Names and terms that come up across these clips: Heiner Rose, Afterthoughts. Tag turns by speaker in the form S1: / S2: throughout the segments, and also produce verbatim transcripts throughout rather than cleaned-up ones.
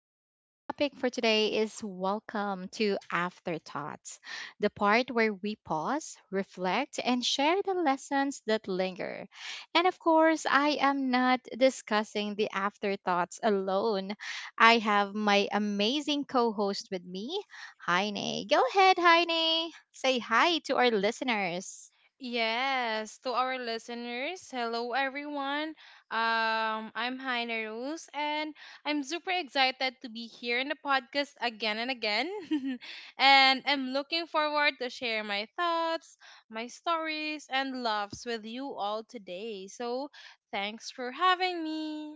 S1: Our topic for today is Welcome to Afterthoughts, the part where we pause, reflect, and share the lessons that linger. And of course, I am not discussing the afterthoughts alone. I have my amazing co host with me, Heine. Go ahead, Heine. Say hi to our listeners.
S2: Yes, to our listeners, hello everyone. Um, I'm Heiner Rose, and I'm super excited to be here in the podcast again and again. And I'm looking forward to share my thoughts, my stories, and loves with you all today. So thanks for having me.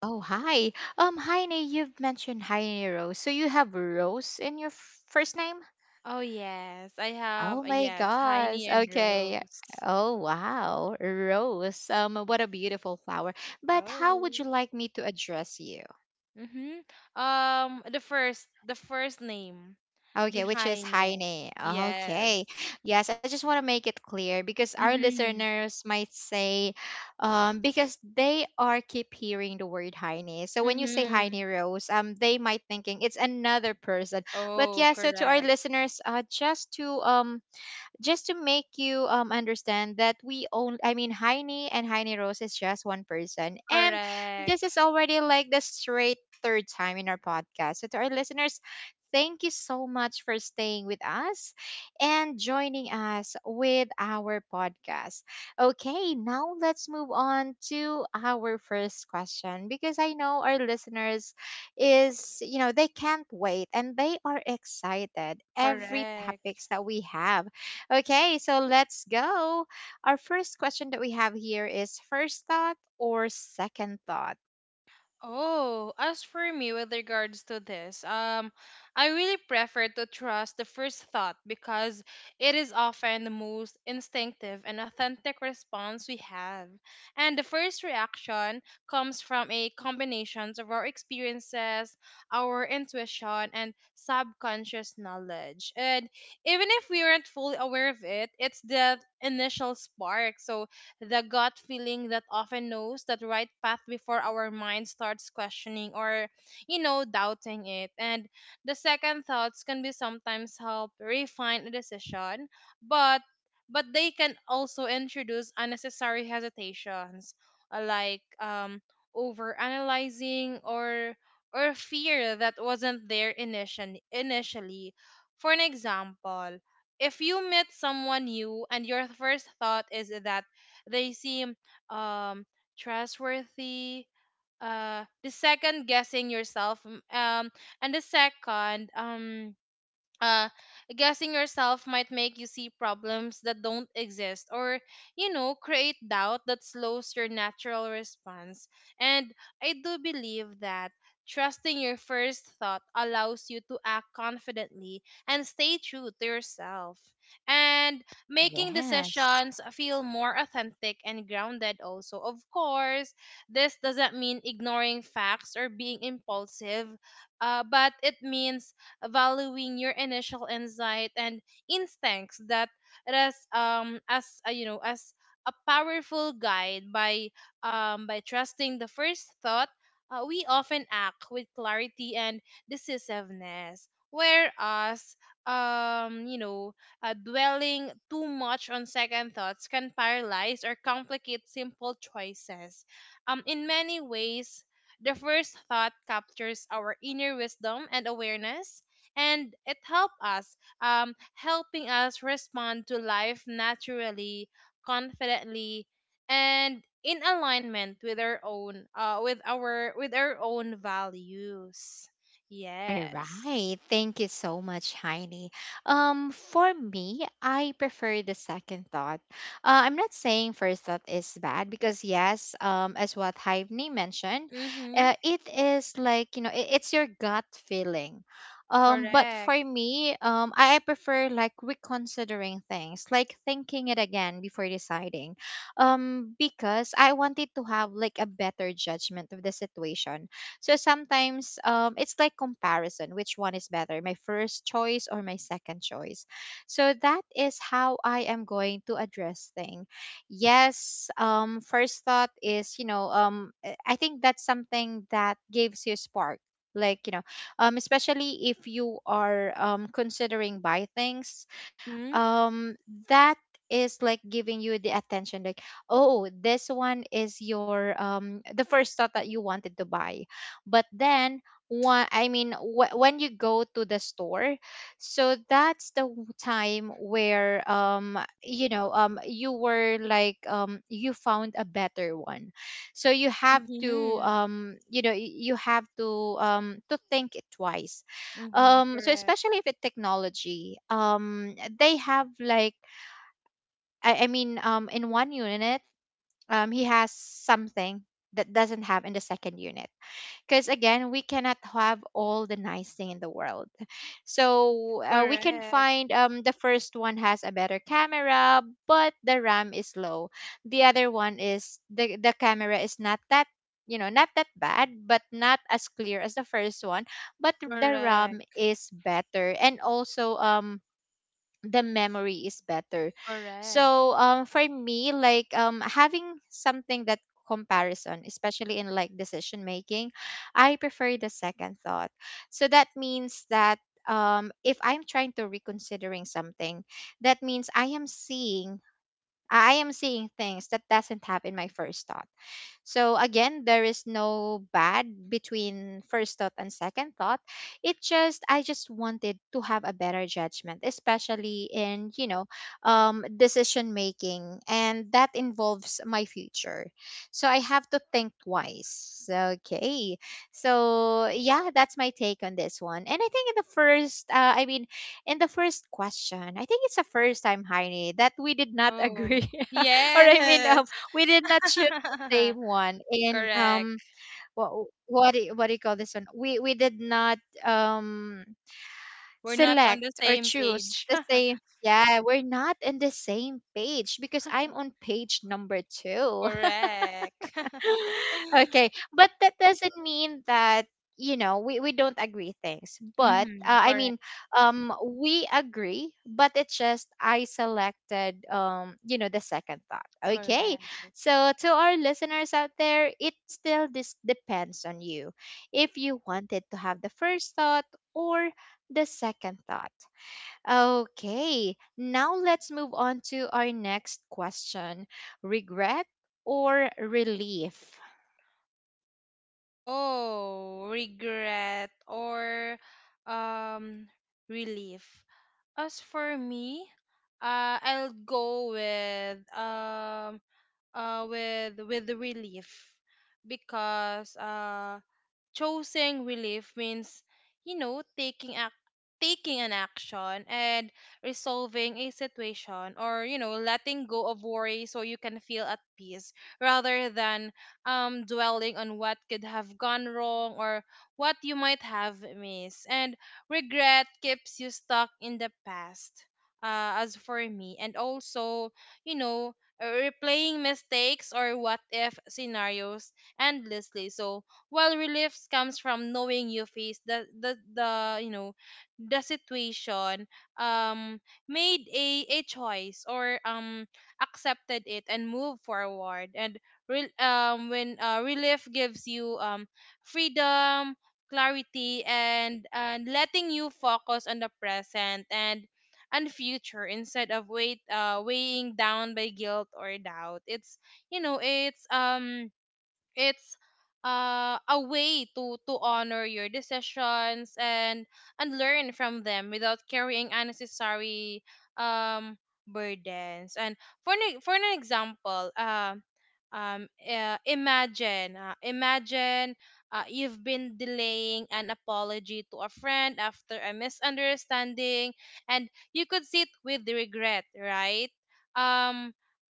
S1: Oh, hi. Um, Heine, you've mentioned Heine Rose. So you have Rose in your f- first name?
S2: Oh yes, I
S1: Oh
S2: have a
S1: my
S2: yes,
S1: gosh.
S2: Heine and
S1: Okay.
S2: Rose.
S1: Oh, wow. Rose. Um, what a beautiful flower. But how would
S2: Oh.
S1: you like me to address you?
S2: Mm-hmm. Um, the first, the first name. The
S1: Okay, which is
S2: Heine.
S1: Heine.
S2: Yes.
S1: Okay. Yes, I just want to make it clear because our
S2: Mm-hmm.
S1: listeners might say, um, because they are keep hearing the word Heine. So when you say
S2: Mm-hmm.
S1: Heine Rose, um, they might thinking it's another person. But
S2: Oh,
S1: yeah, so to our
S2: correct.
S1: listeners, uh, just to um just to make you um, understand that we own, i mean, Heine and Heine Rose is just one person, and this is
S2: Correct.
S1: already like the straight third time in our podcast. So to our listeners, thank you so much for staying with us and joining us with our podcast. Okay, now let's move on to our first question, because I know our listeners is, you know they can't wait and they are excited every
S2: Correct.
S1: topics that we have. Okay, so let's go. Our first question that we have here is first thought or second thought?
S2: Oh, as for me with regards to this, um, I really prefer to trust the first thought because it is often the most instinctive and authentic response we have. And the first reaction comes from a combination of our experiences, our intuition, and subconscious knowledge. And even if we aren't fully aware of it, it's the initial spark. So the gut feeling that often knows that right path before our mind starts questioning or, you know, doubting it. And the second thoughts can be sometimes help refine a decision, but but they can also introduce unnecessary hesitations uh, like um over analyzing or or fear that wasn't there initially initially For an example, if you meet someone new and your first thought is that they seem um, trustworthy. Uh, the second guessing yourself, um, um, and the second um, uh, guessing yourself might make you see problems that don't exist or you know create doubt that slows your natural response and I do believe that trusting your first thought allows you to act confidently and stay true to yourself and making
S1: Yes.
S2: decisions feel more authentic and grounded also of course this doesn't mean ignoring facts or being impulsive uh, but it means valuing your initial insight and instincts that as um as uh, you know as a powerful guide by um by trusting the first thought, uh, we often act with clarity and decisiveness whereas um you know, uh, dwelling too much on second thoughts can paralyze or complicate simple choices um in many ways the first thought captures our inner wisdom and awareness and it helped us um, helping us respond to life naturally, confidently, and in alignment with our own uh, with our with our own values.
S1: All
S2: Yes.
S1: right. Thank you so much, Heidi. Um, for me, I prefer the second thought. Uh, I'm not saying first thought is bad, because yes, um, as what Heidi mentioned,
S2: Mm-hmm.
S1: uh, it is like, you know, it, it's your gut feeling. Um, but for
S2: Correct.
S1: me, um, I I prefer like reconsidering things, like thinking it again before deciding, um, because I wanted to have like a better judgment of the situation. So sometimes, um, it's like comparison, which one is better, my first choice or my second choice. So that is how I am going to address thing. Yes, um, first thought is, you know, um, I I think that's something that gives you spark. Like, you know, um, especially if you are, um, considering buy things
S2: Hmm?
S1: um that is like giving you the attention, like, oh this one is your um the first thought that you wanted to buy. But then one I mean wh- when you go to the store, so that's the w- time where, um you know um you were like, um you found a better one. So you have to
S2: Mm-hmm.
S1: um you know y- you have to um to think it twice.
S2: Mm-hmm.
S1: Um so
S2: Correct.
S1: especially if it's technology, um they have like, i, I mean, um in one unit um he has something that doesn't have in the second unit, because again we cannot have all the nice thing in the world. So uh, we can
S2: Correct.
S1: find, um, the first one has a better camera, but the RAM is low. The other one is the, the camera is not that, you know not that bad, but not as clear as the first one, but the ram
S2: Correct.
S1: is better, and also um the memory is better.
S2: Correct.
S1: So um, for me, like, um, having something that comparison, especially in like decision making, I prefer the second thought. So that means that, um, if I'm trying to reconsidering something, that means I am seeing I am seeing things that doesn't happen my first thought. So again, there is no bad between first thought and second thought. It just, I just wanted to have a better judgment, especially in, you know, um decision making, and that involves my future. So I have to think twice. Okay. So yeah, that's my take on this one. And I think in the first uh, I mean, in the first question, I think it's the first time, Heine, that we did not agree.
S2: Oh
S1: Or I mean,
S2: yes.
S1: um we did not choose same one. And,
S2: Correct.
S1: um, what what do you- what do you call this one? We we did not, um
S2: We're not on
S1: select
S2: the
S1: or
S2: same
S1: choose
S2: page.
S1: the same. Yeah, we're not in the same page because I'm on page number two.
S2: Correct.
S1: Okay, but that doesn't mean that, you know we, we don't agree things. But
S2: Mm-hmm.
S1: uh, I
S2: Correct.
S1: mean, um, we agree, but it's just I selected, um, you know, the second thought. Okay,
S2: Correct.
S1: so to our listeners out there, it still this depends on you if you wanted to have the first thought or the second thought. Okay, now let's move on to our next question: regret or relief?
S2: Oh, regret or um relief. As for me, uh, I'll go with um uh with with relief because uh choosing relief means you know taking ac- taking an action and resolving a situation or you know letting go of worry so you can feel at peace rather than um dwelling on what could have gone wrong or what you might have missed, and regret keeps you stuck in the past, uh, as for me, and also you know replaying mistakes or what if scenarios endlessly. So while relief comes from knowing you face the the, the you know the situation, um made a, a choice or um accepted it and move forward, and re- um when uh, relief gives you um freedom, clarity, and and letting you focus on the present and and future instead of weight uh weighing down by guilt or doubt. It's you know it's um it's uh, a way to to honor your decisions and and learn from them without carrying unnecessary um burdens. And for an, for an example, um um uh, imagine uh, imagine uh, you've been delaying an apology to a friend after a misunderstanding and you could sit with the regret, right? um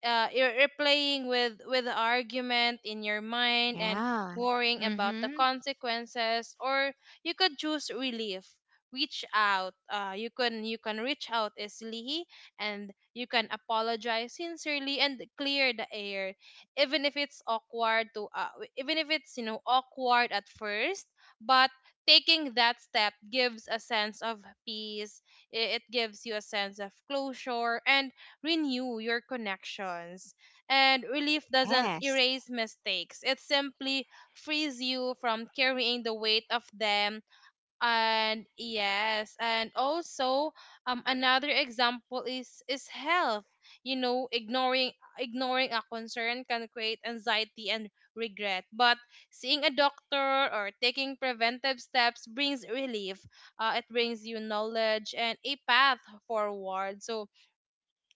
S2: uh, you're, you're playing with with the argument in your mind and
S1: Yeah.
S2: worrying about the
S1: Mm-hmm.
S2: consequences, or you could choose relief. Reach out, uh, you can you can reach out easily and you can apologize sincerely and clear the air, even if it's awkward to uh, even if it's you know awkward at first, but taking that step gives a sense of peace. I- it gives you a sense of closure and renew your connections. And relief doesn't
S1: Yes.
S2: erase mistakes, it simply frees you from carrying the weight of them. And yes, and also um another example is is health. You know, ignoring ignoring a concern can create anxiety and regret, but seeing a doctor or taking preventive steps brings relief. Uh, it brings you knowledge and a path forward. So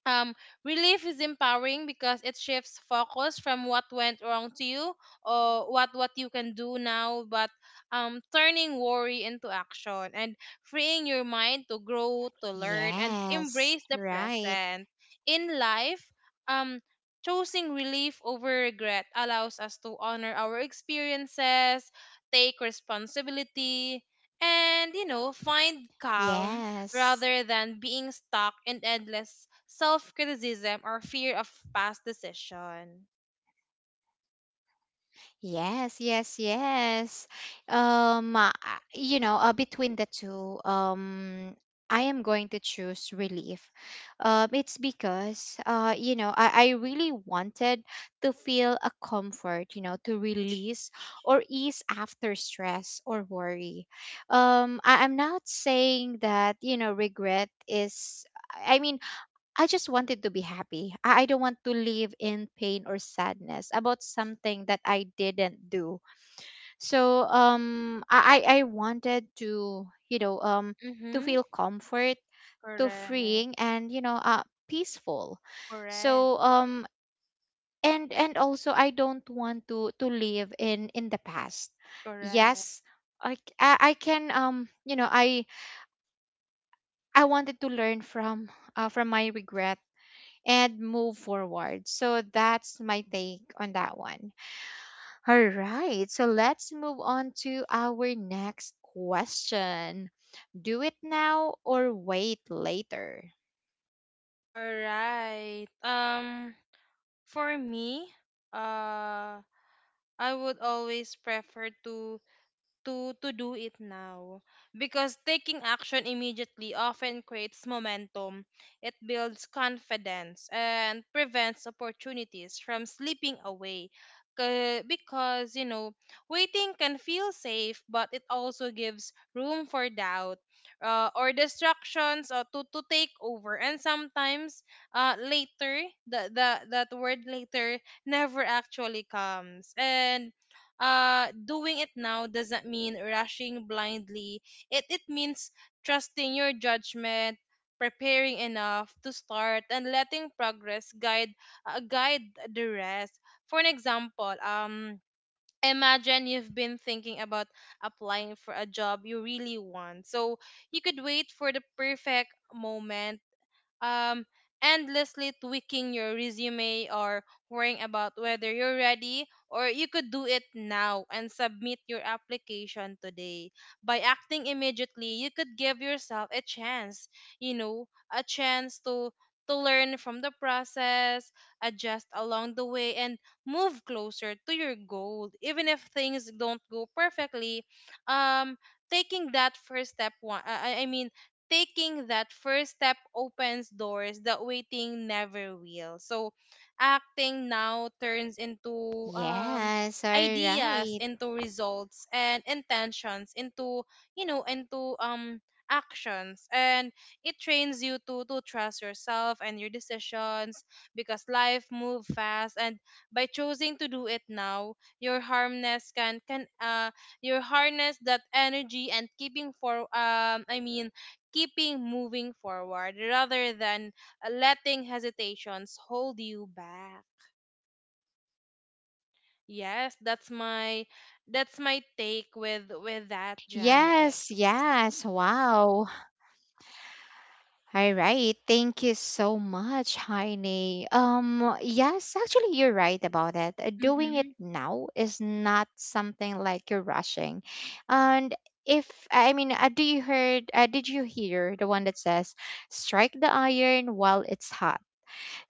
S2: um, relief is empowering because it shifts focus from what went wrong to you or what what you can do now, but um, turning worry into action and freeing your mind to grow, to learn and
S1: Yes.
S2: embrace the
S1: Right.
S2: present in life. um, Choosing relief over regret allows us to honor our experiences, take responsibility, and you know find calm
S1: Yes.
S2: rather than being stuck in endless self criticism or fear of past decision.
S1: Yes, yes, yes. Um, uh, uh, you know, uh, between the two, um, I am going to choose relief. Um, it's because, uh, you know, I, I really wanted to feel a comfort, you know, to release or ease after stress or worry. Um, I, I'm not saying that, you know, regret is. I mean, I just wanted to be happy. I I don't want to live in pain or sadness about something that I didn't do. So um I I I wanted to, you know, um to
S2: Mm-hmm.
S1: feel comfort, to
S2: Correct.
S1: freeing and, you know, uh peaceful.
S2: Correct.
S1: So um and and also I don't want to to live in in the past.
S2: Correct.
S1: Yes, I c- I I can, um you know, I I wanted to learn from, uh, from my regret, and move forward. So that's my take on that one. All right. So let's move on to our next question. Do it now or wait later?
S2: All right. Um, for me, uh, I would always prefer to to to do it now because taking action immediately often creates momentum, it builds confidence and prevents opportunities from slipping away. Ca- because you know waiting can feel safe but it also gives room for doubt, uh, or distractions, uh, to, to take over, and sometimes uh, later, the, the that word later never actually comes. And uh doing it now doesn't mean rushing blindly, it it means trusting your judgment, preparing enough to start and letting progress guide, uh, guide the rest. For an example, um imagine you've been thinking about applying for a job you really want. So you could wait for the perfect moment, um, endlessly tweaking your resume or worrying about whether you're ready, or you could do it now and submit your application today. By acting immediately, you could give yourself a chance, you know, a chance to to learn from the process, adjust along the way and move closer to your goal. Even if things don't go perfectly, um taking that first step one I, I I mean taking that first step opens doors that waiting never will. So acting now turns into um
S1: Yes, all
S2: ideas
S1: right.
S2: into results and intentions into you know into um actions, and it trains you to to trust yourself and your decisions because life move fast, and by choosing to do it now your harmness can can uh your harness that energy and keeping for um i mean keeping moving forward rather than uh, letting hesitations hold you back. Yes, that's my, that's my take with with that, Janet.
S1: Yes, yes. Wow. All right. Thank you so much, Heine. Um, yes, actually, you're right about it. Uh, Doing it
S2: Mm-hmm.
S1: now is not something like you're rushing. And if, I mean, uh, do you heard, uh, did you hear the one that says, strike the iron while it's hot?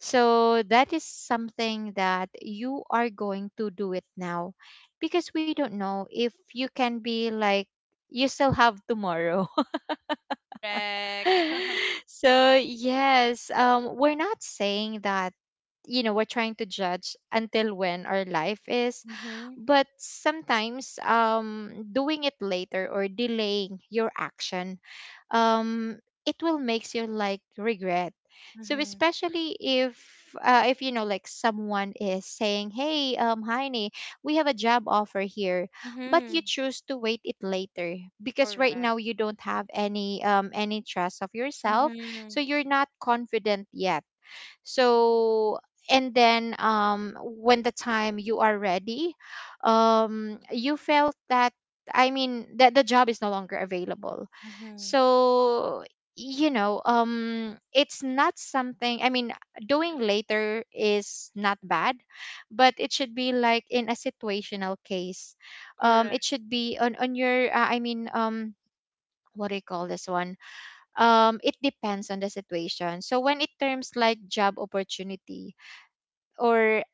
S1: So that is something that you are going to do it now, because we don't know if you can be like, you still have tomorrow.
S2: Correct.
S1: So yes, um we're not saying that, you know we're trying to judge until when our life is.
S2: Mm-hmm.
S1: But sometimes, um doing it later or delaying your action, um, it will makes you like regret. So
S2: Mm-hmm.
S1: especially if uh, if you know, like someone is saying, "Hey, um, Heine, we have a job offer here," but you
S2: Mm-hmm.
S1: choose to wait it later because right now
S2: Correct.
S1: you don't have any um any trust of yourself,
S2: Mm-hmm.
S1: so you're not confident yet. So, and then um when the time you are ready, um you felt that, I mean, that the job is no longer available.
S2: Mm-hmm.
S1: So, you know um it's not something, I mean, doing later is not bad, but it should be like in a situational case. Um
S2: Correct.
S1: it should be on on your, uh, I mean, um what do you call this one, um, it depends on the situation. So when it terms like job opportunity, or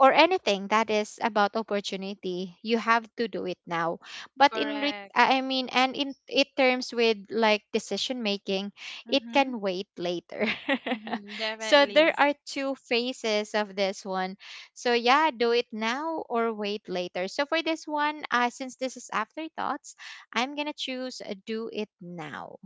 S1: or anything that is about opportunity, you have to do it now. But in re-
S2: Correct.
S1: I mean, and in it terms with like decision making, it
S2: Mm-hmm.
S1: can wait later.
S2: Mm-hmm.
S1: So
S2: Definitely.
S1: there are two phases of this one. So yeah, do it now or wait later. So for this one, uh, since this is afterthoughts, I'm gonna choose, uh, do it now.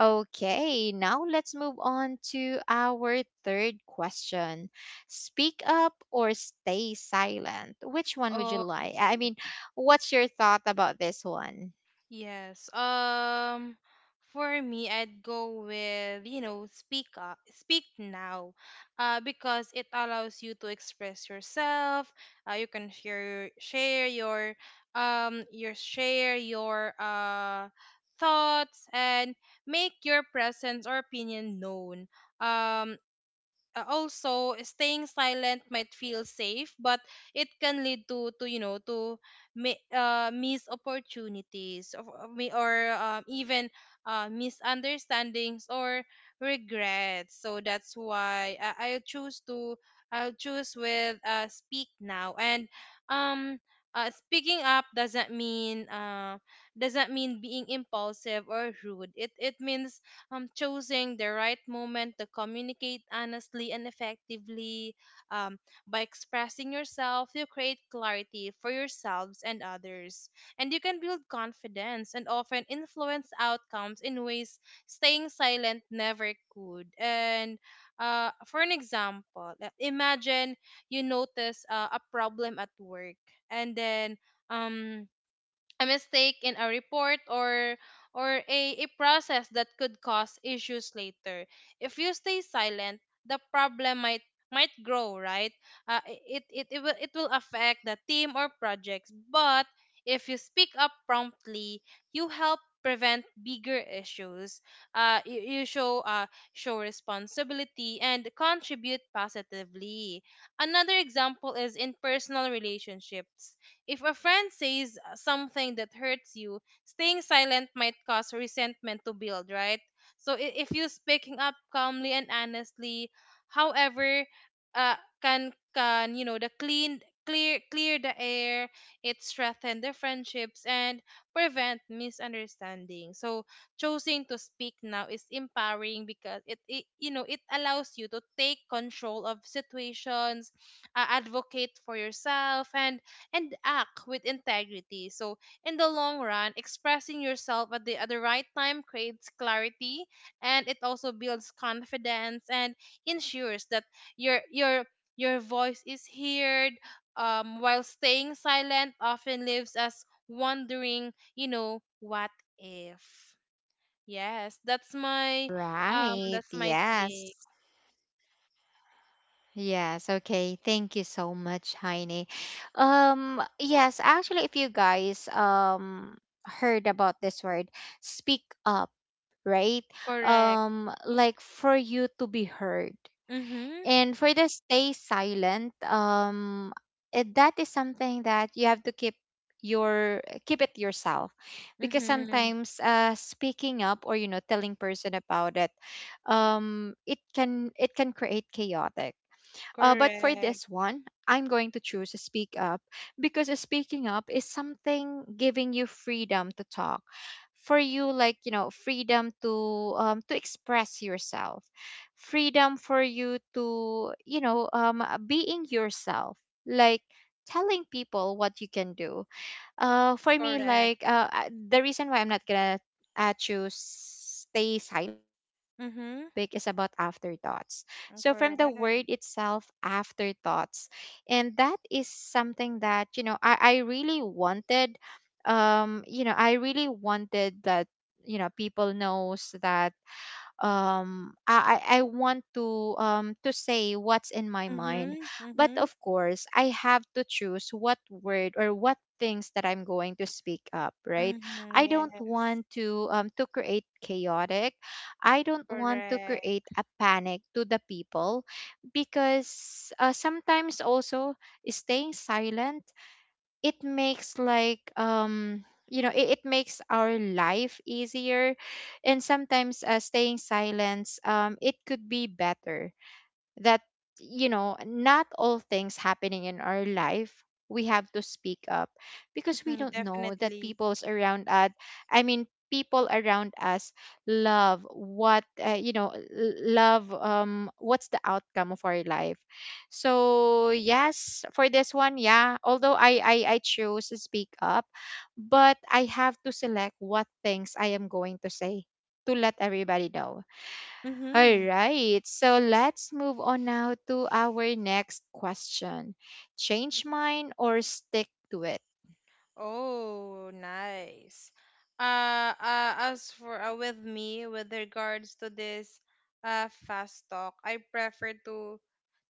S1: Okay, now let's move on to our third question. Speak up or stay silent. Which one would you
S2: Oh.
S1: like? I mean, what's your thought about this one?
S2: Yes. Um for me I'd go with, you know, speak up, speak now. Uh because it allows you to express yourself. Uh you can share share your um your share your uh thoughts and make your presence or opinion known. Um uh, Also staying silent might feel safe but it can lead to to you know to mi- uh, miss opportunities of, of mi- or um, even uh, misunderstandings or regrets. So that's why I, I choose to, I'll choose with, uh, speak now. And um uh, speaking up doesn't mean uh, doesn't mean being impulsive or rude, it it means um, choosing the right moment to communicate honestly and effectively. Um, by expressing yourself, you create clarity for yourselves and others. And you can build confidence and often influence outcomes in ways staying silent never could. And uh, for an example, uh, imagine you notice uh, a problem at work, and then um a mistake in a report or or a, a process that could cause issues later. If you stay silent, the problem might might grow, right? Uh, i- it, it, it will it will affect the team or projects. But if you speak up promptly, you help prevent bigger issues. Uh, you, you show uh, show responsibility and contribute positively. Another example is in personal relationships. If a friend says uh, something that hurts you, staying silent might cause resentment to build, right? So I- if you speaking up calmly and honestly, however, uh, can can you know the clean clear clear the air, it strengthen the friendships and prevent misunderstanding. So choosing to speak now is empowering because it, it you know it allows you to take control of situations, uh, advocate for yourself and and act with integrity. So, in the long run, expressing yourself at the at the right time creates clarity and it also builds confidence and ensures that your your your voice is heard, um while staying silent often leaves us wondering, you know, what if. Yes, that's my, um
S1: Right.
S2: that's my
S1: Yes.
S2: take.
S1: Yes. Okay. Thank you so much, Heine. Um, yes, actually, if you guys um heard about this word, speak up, right?
S2: Correct.
S1: Um, like for you to be heard.
S2: Mhm.
S1: And for the stay silent, um, it, that is something that you have to keep your keep it yourself, because
S2: Mhm.
S1: sometimes uh speaking up or, you know telling person about it, um it can it can create chaos. Uh, but for
S2: Correct.
S1: this one, I'm going to choose speak up, because speaking up is something giving you freedom to talk, for you, like, you know freedom to, um, to express yourself, freedom for you to, you know um, being yourself, like telling people what you can do. Uh, for me,
S2: Correct.
S1: like, uh, I- the reason why I'm not gonna, uh, choose stay silent, because our
S2: Mhm.
S1: topic is about afterthoughts. So from the
S2: Correct.
S1: word itself, afterthoughts, and that is something that, you know I, I really wanted. Um, you know, I really wanted that, you know people knows that, um I I I want to, um to say what's in my mind.
S2: Mhm,
S1: But of
S2: mhm,
S1: course, I have to choose what word or what things that I'm going to speak up, right?
S2: mhm,
S1: I don't
S2: yes,
S1: want to, um to create chaotic. I don't want to create
S2: correct.
S1: a panic to the people because uh, sometimes also staying silent it makes like um you know it, it makes our life easier, and sometimes uh, staying silence um it could be better that you know not all things happening in our life we have to speak up because we
S2: Mhm,
S1: don't know that
S2: definitely.
S1: people's around us. i mean People around us love what uh, you know l- love um what's the outcome of our life. So yes, for this one, yeah, although i i, I choose to speak up, but I have to select what things I am going to say to let everybody know. All
S2: Mm-hmm.
S1: right, so let's move on now to our next question. Change mine or stick to it?
S2: Oh, nice. Uh, uh, as for uh, With me, with regards to this uh fast talk, I prefer to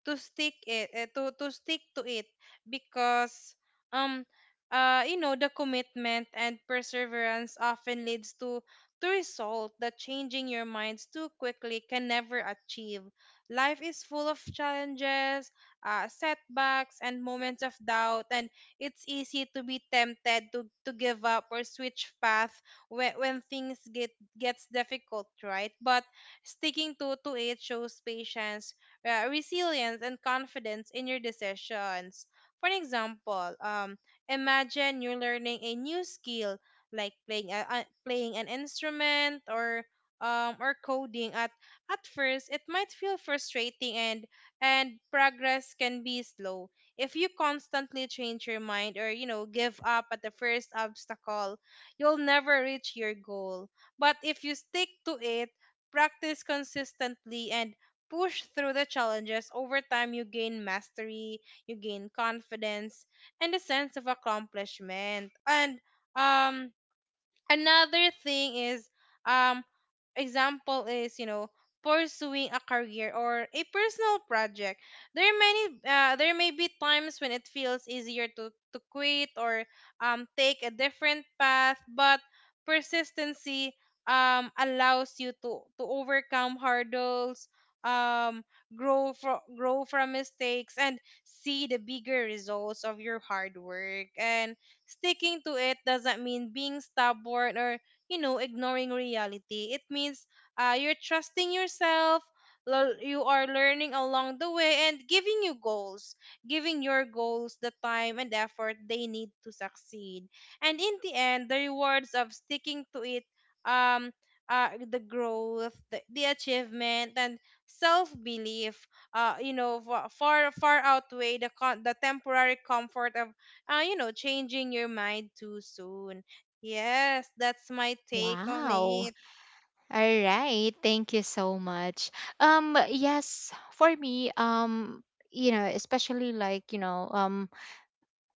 S2: to stick it eh, to to stick to it because um uh you know the commitment and perseverance often leads to to result that changing your minds too quickly can never achieve. Life is full of challenges, uh, setbacks, and moments of doubt, and it's easy to be tempted to, to give up or switch path when, when things get gets difficult, right? But sticking to to it shows patience, uh, resilience and confidence in your decisions. For an example, um, imagine you're learning a new skill like playing a, uh, playing an instrument or um, or coding. At at first, it might feel frustrating and and progress can be slow. If you constantly change your mind or you know give up at the first obstacle, you'll never reach your goal. But if you stick to it, practice consistently and push through the challenges, over time you gain mastery, you gain confidence, and a sense of accomplishment. And um, Another thing is um example is you know pursuing a career or a personal project. There are many uh, there may be times when it feels easier to to quit or um take a different path, but persistency um allows you to to overcome hurdles, um grow from grow from mistakes and see the bigger results of your hard work. And sticking to it doesn't mean being stubborn or, you know, ignoring reality. It means uh, you're trusting yourself, lear- you are learning along the way, and giving you goals, giving your goals the time and effort they need to succeed. And in the end, the rewards of sticking to it, um, uh, the growth, the, the achievement, and self belief, uh, you know, fa- far far outweigh the con- the temporary comfort of uh, you know, changing your mind too soon. Yes, that's my take on
S1: Wow.
S2: it.
S1: All right, thank you so much. Um yes, for me, um you know, especially like, you know, um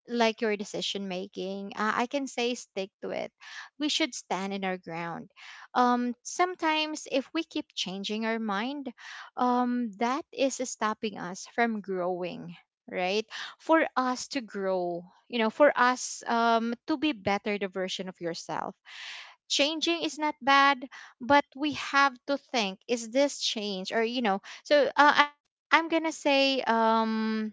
S1: like your decision making, uh, I can say stick to it. We should stand in our ground. Um sometimes if we keep changing our mind, um that is stopping us from growing, right? For us to grow, you know, for us um to be better the version of yourself, changing is not bad, but we have to think, is this change or you know. So uh, i'm i'm gonna say, um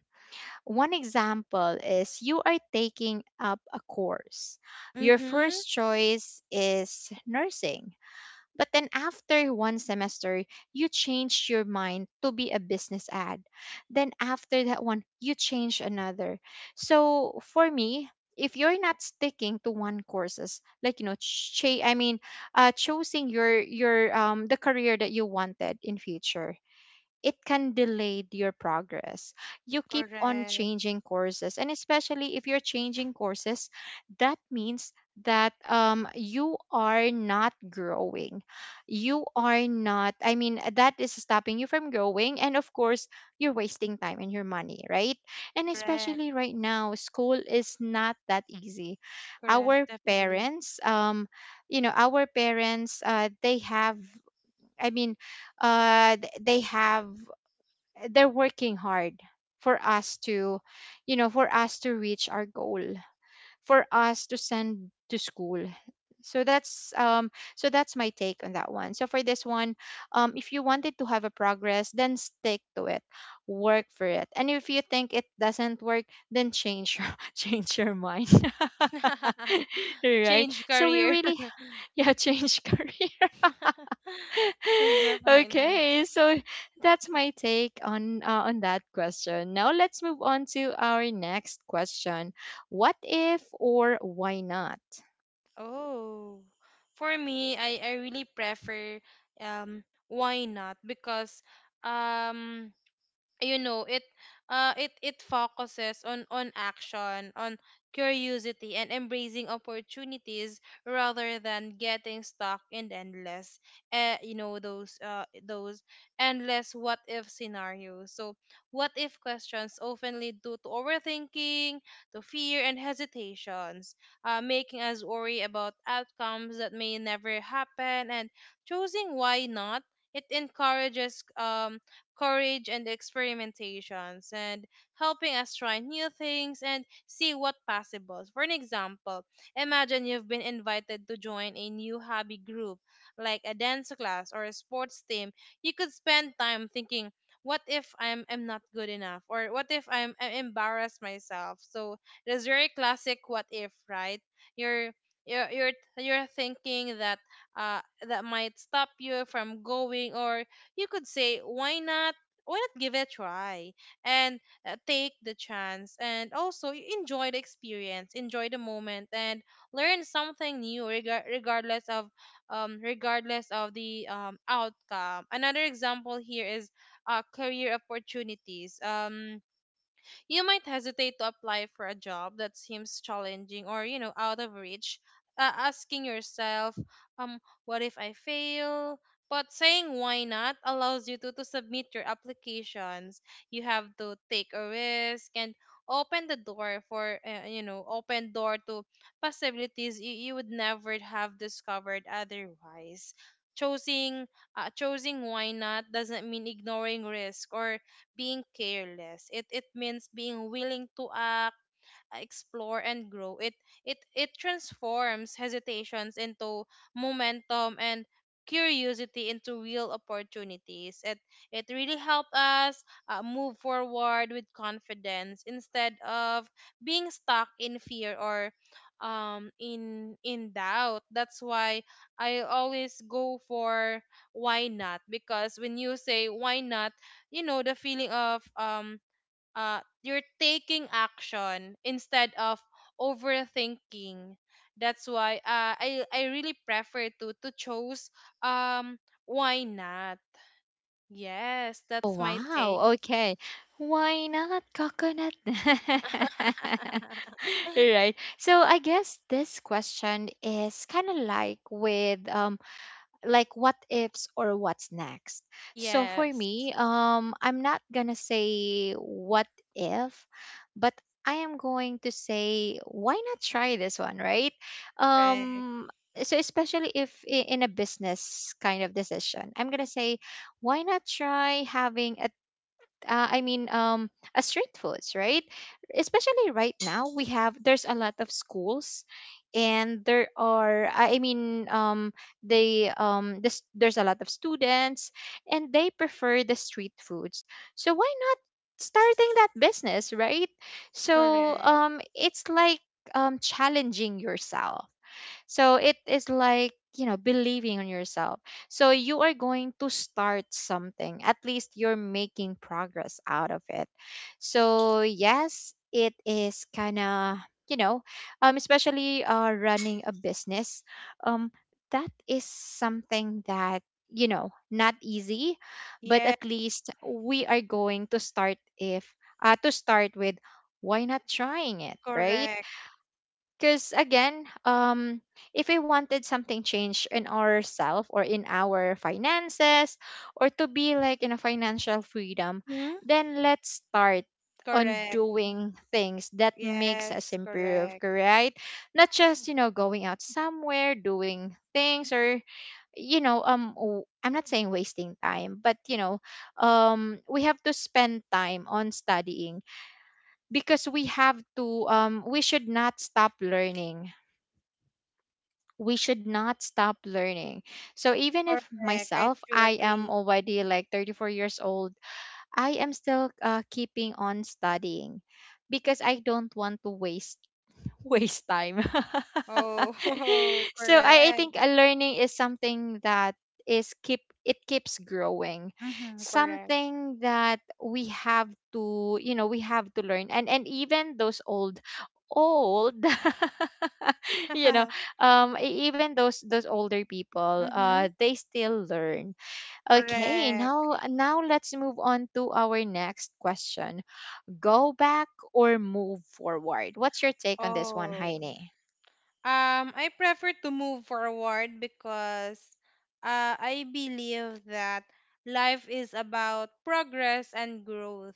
S1: one example is you are taking up a course. Your
S2: Mm-hmm.
S1: first choice is nursing, but then after one semester, you change your mind to be a business ad. Then after that one, you change another. So for me, if you're not sticking to one courses, like you know, ch- I mean, uh, choosing your your um the career that you wanted in future, it can delay your progress. You keep on
S2: Correct,
S1: changing courses, and especially if you're changing courses, that means that um, you are not growing. You are not, I mean, that is stopping you from growing. And of course, you're wasting time and your money, right? And
S2: correct,
S1: especially right now, school is not that easy.
S2: correct,
S1: Our
S2: definitely.
S1: parents, um, you know, our parents, uh, they have, I mean, uh, th- they have, they're working hard for us to, you know, for us to reach our goal, for us to send to school. So that's um so that's my take on that one. So for this one, um if you wanted to have a progress, then stick to it, work for it, and if you think it doesn't work, then change your change your mind. Right,
S2: Change
S1: so we
S2: career.
S1: really, yeah, change career.
S2: Definitely.
S1: Okay, so that's my take on uh, on that question. Now let's move on to our next question. What if or why not?
S2: Oh, for me, I, I really prefer um why not, because um you know it uh it it focuses on on action, on curiosity and embracing opportunities rather than getting stuck in endless, uh, you know those uh those endless what if scenarios. So what if questions often lead to, to overthinking, to fear and hesitations, uh, making us worry about outcomes that may never happen. And choosing why not, it encourages um courage and experimentations and helping us try new things and see what possible. For an example, imagine you've been invited to join a new hobby group like a dance class or a sports team. You could spend time thinking, what if I'm, I'm not good enough, or what if I'm, I embarrass myself. So it is very classic what if, right? You're you're you're, you're thinking that uh, that might stop you from going. Or you could say, why not? Why not give it a try and uh, take the chance and also y- enjoy the experience, enjoy the moment, and learn something new regar- regardless of um, regardless of the um, outcome. Another example here is uh, career opportunities. Um, you might hesitate to apply for a job that seems challenging or you know out of reach, uh, asking yourself, um what if I fail? But saying why not allows you to, to submit your applications. You have to take a risk and open the door for, uh, you know open door to possibilities you, you would never have discovered otherwise. choosing uh, Choosing why not doesn't mean ignoring risk or being careless. It it means being willing to act, uh, explore and grow. It it it transforms hesitations into momentum, and curiosity into real opportunities. It it really helped us, uh, move forward with confidence instead of being stuck in fear or um in in doubt. That's why I always go for why not, because when you say why not, you know, the feeling of um uh, you're taking action instead of overthinking. That's why uh, I I really prefer to to choose um why not? Yes,
S1: Oh,
S2: that's my take.
S1: wow, okay. Why not coconut? Right. So I guess this question is kind of like with um like what ifs or what's next. So for
S2: Yes.
S1: me, um, I'm not gonna say what if, but I am going to say why not try this one, right?
S2: Correct.
S1: Um, so especially if I- in a business kind of decision, I'm gonna say why not try having a uh, I mean, um, as street foods, right? Especially right now, we have there's a lot of schools, and there are, I I mean, um, they um, this there's a lot of students, and they prefer the street foods. So why not starting that business, right? So
S2: Correct.
S1: um, it's like um, challenging yourself. So it is like, you know, believing on yourself. So you are going to start something. At least you're making progress out of it. So yes, it is kind of, you know, um, especially uh, running a business. Um, that is something that you know not easy, but
S2: Yes,
S1: at least we are going to start if uh, to start with why not trying it, right?
S2: correct.
S1: Because again, um if we wanted something change in ourself or in our finances or to be like in a financial freedom,
S2: Hmm?
S1: then let's start on
S2: Correct.
S1: doing things that makes us
S2: Yes,
S1: improve,
S2: correct.
S1: right? Not just, you know, going out somewhere doing things or you know um w- I'm not saying wasting time, but you know, um we have to spend time on studying because we have to um we should not stop learning. We should not stop learning. So even if
S2: Correct. I
S1: myself,
S2: do
S1: I am
S2: agree.
S1: already like thirty-four years old, I am still uh, keeping on studying because I don't want to waste waste time.
S2: Oh,
S1: So I, I
S2: correct.
S1: think a learning is something that is keep it keeps growing,
S2: Mm-hmm, correct.
S1: something that we have to, you know, we have to learn. and and even those old old you know um e- even those those older people
S2: Mm-hmm.
S1: uh they still learn. Okay,
S2: Correct.
S1: now now let's move on to our next question. Go back or move forward? What's your take on this one,
S2: 哦。
S1: Heine?
S2: Um, I prefer to move forward because uh, I believe that life is about progress and growth.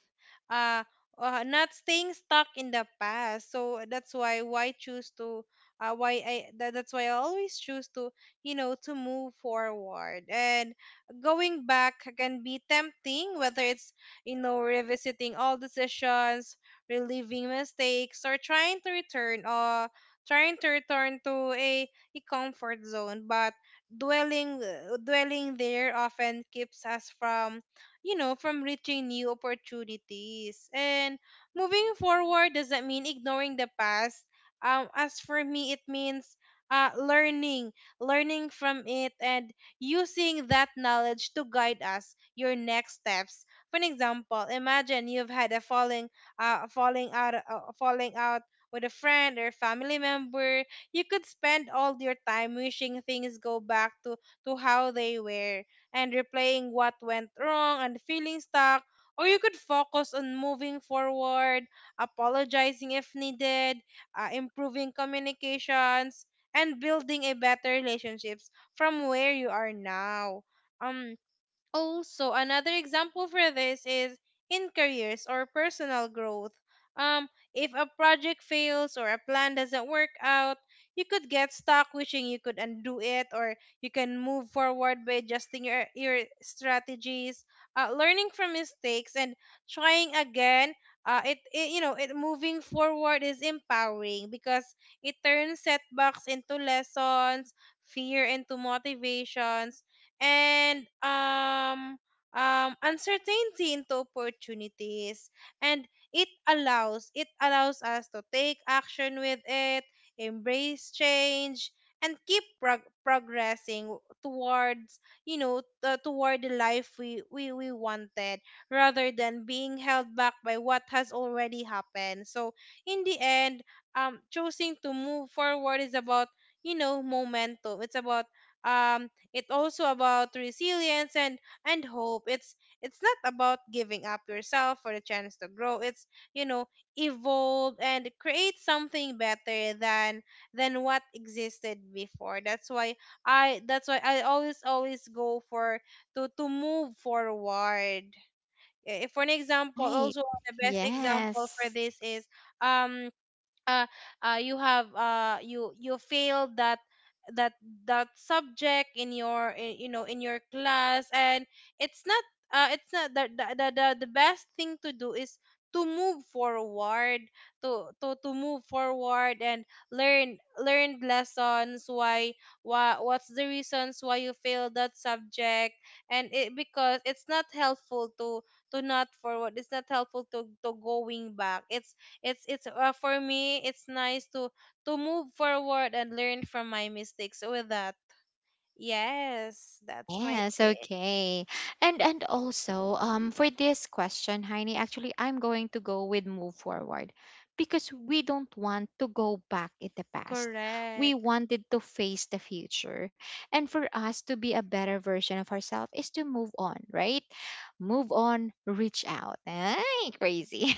S2: Uh, uh, Not staying stuck in the past. So that's why why choose to, uh, why I tha- that's why I always choose to, you know, to move forward. And going back can be tempting, whether it's, you know, revisiting all decisions, reliving mistakes, or trying to return, uh, trying to return to a, a comfort zone, but dwelling uh, dwelling there often keeps us from, you know, from reaching new opportunities. And moving forward doesn't mean ignoring the past. Um, as for me, it means, uh, learning, learning from it, and using that knowledge to guide us your next steps. For an example, imagine you've had a falling, uh, falling out, uh, falling out with a friend or family member. You could spend all your time wishing things go back to, to how they were, and replaying what went wrong and feeling stuck. Or you could focus on moving forward, apologizing if needed, uh, improving communications, and building a better relationships from where you are now. Um, Also, another example for this is in careers or personal growth. Um, if a project fails or a plan doesn't work out, you could get stuck wishing you could undo it, or you can move forward by adjusting your, your strategies, uh, learning from mistakes, and trying again. Uh, it, it you know it moving forward is empowering because it turns setbacks into lessons, fear into motivations, and um, um, uncertainty into opportunities. And it allows it allows us to take action with it, embrace change, and keep prog- progressing towards, you know uh, toward the life we, we we wanted, rather than being held back by what has already happened. So in the end, um choosing to move forward is about, you know, momentum. It's about, um it's also about resilience and and hope. It's it's not about giving up yourself for the chance to grow. It's, you know, evolve and create something better than than what existed before. That's why I that's why I always always go for to to move forward. Eh, For an example,
S1: Right.
S2: also the best example for
S1: Yes.
S2: this is um uh, uh, you have, uh, you you failed that that that subject in your, i- you know in your class, and it's not, uh, it's not the, the the the the best thing to do is to move forward, to to to move forward and learn learn lessons why why what's the reasons why you failed that subject. And it because it's not helpful to to not forward, it's not helpful to to going back. It's it's it's, uh, for me, it's nice to to move forward and learn from my mistakes. With that, yes, that's my
S1: Yes,
S2: take.
S1: okay. And and also, um, for this question, Heine, actually I'm going to go with move forward because we don't want to go back in the past. We
S2: Correct,
S1: wanted to face the future. And for us to be a better version of ourselves is to move on, right? Move on, reach out. Ay, crazy.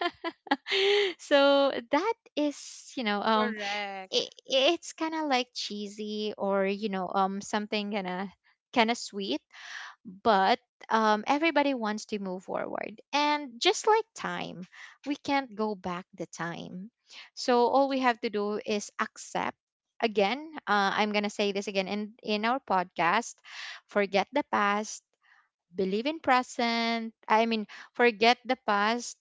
S1: So that is, you know, um
S2: correct.
S1: it it's kind of like cheesy, or you know, um something kind of kind of sweet. But um everybody wants to move forward, and just like time, we can't go back the time. So all we have to do is accept, again, uh, I'm going to say this again in in our podcast: forget the past, believe in present, I mean, forget the past,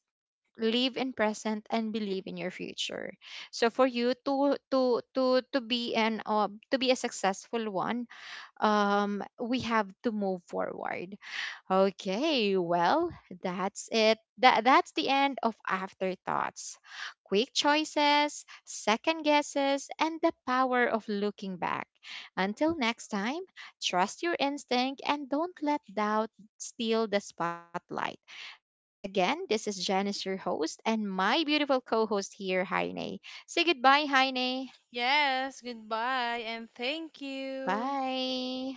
S1: live in present, and believe in your future. So for you to to to to be an uh, to be a successful one, um we have to move forward. Okay, well, that's it. That that's the end of afterthoughts. Quick choices, second guesses, and the power of looking back. Until next time, trust your instinct and don't let doubt steal the spotlight. Again, this is Janice, your host, and my beautiful co-host here, Heine. Say goodbye, Heine.
S2: Yes. Goodbye and thank you.
S1: Bye.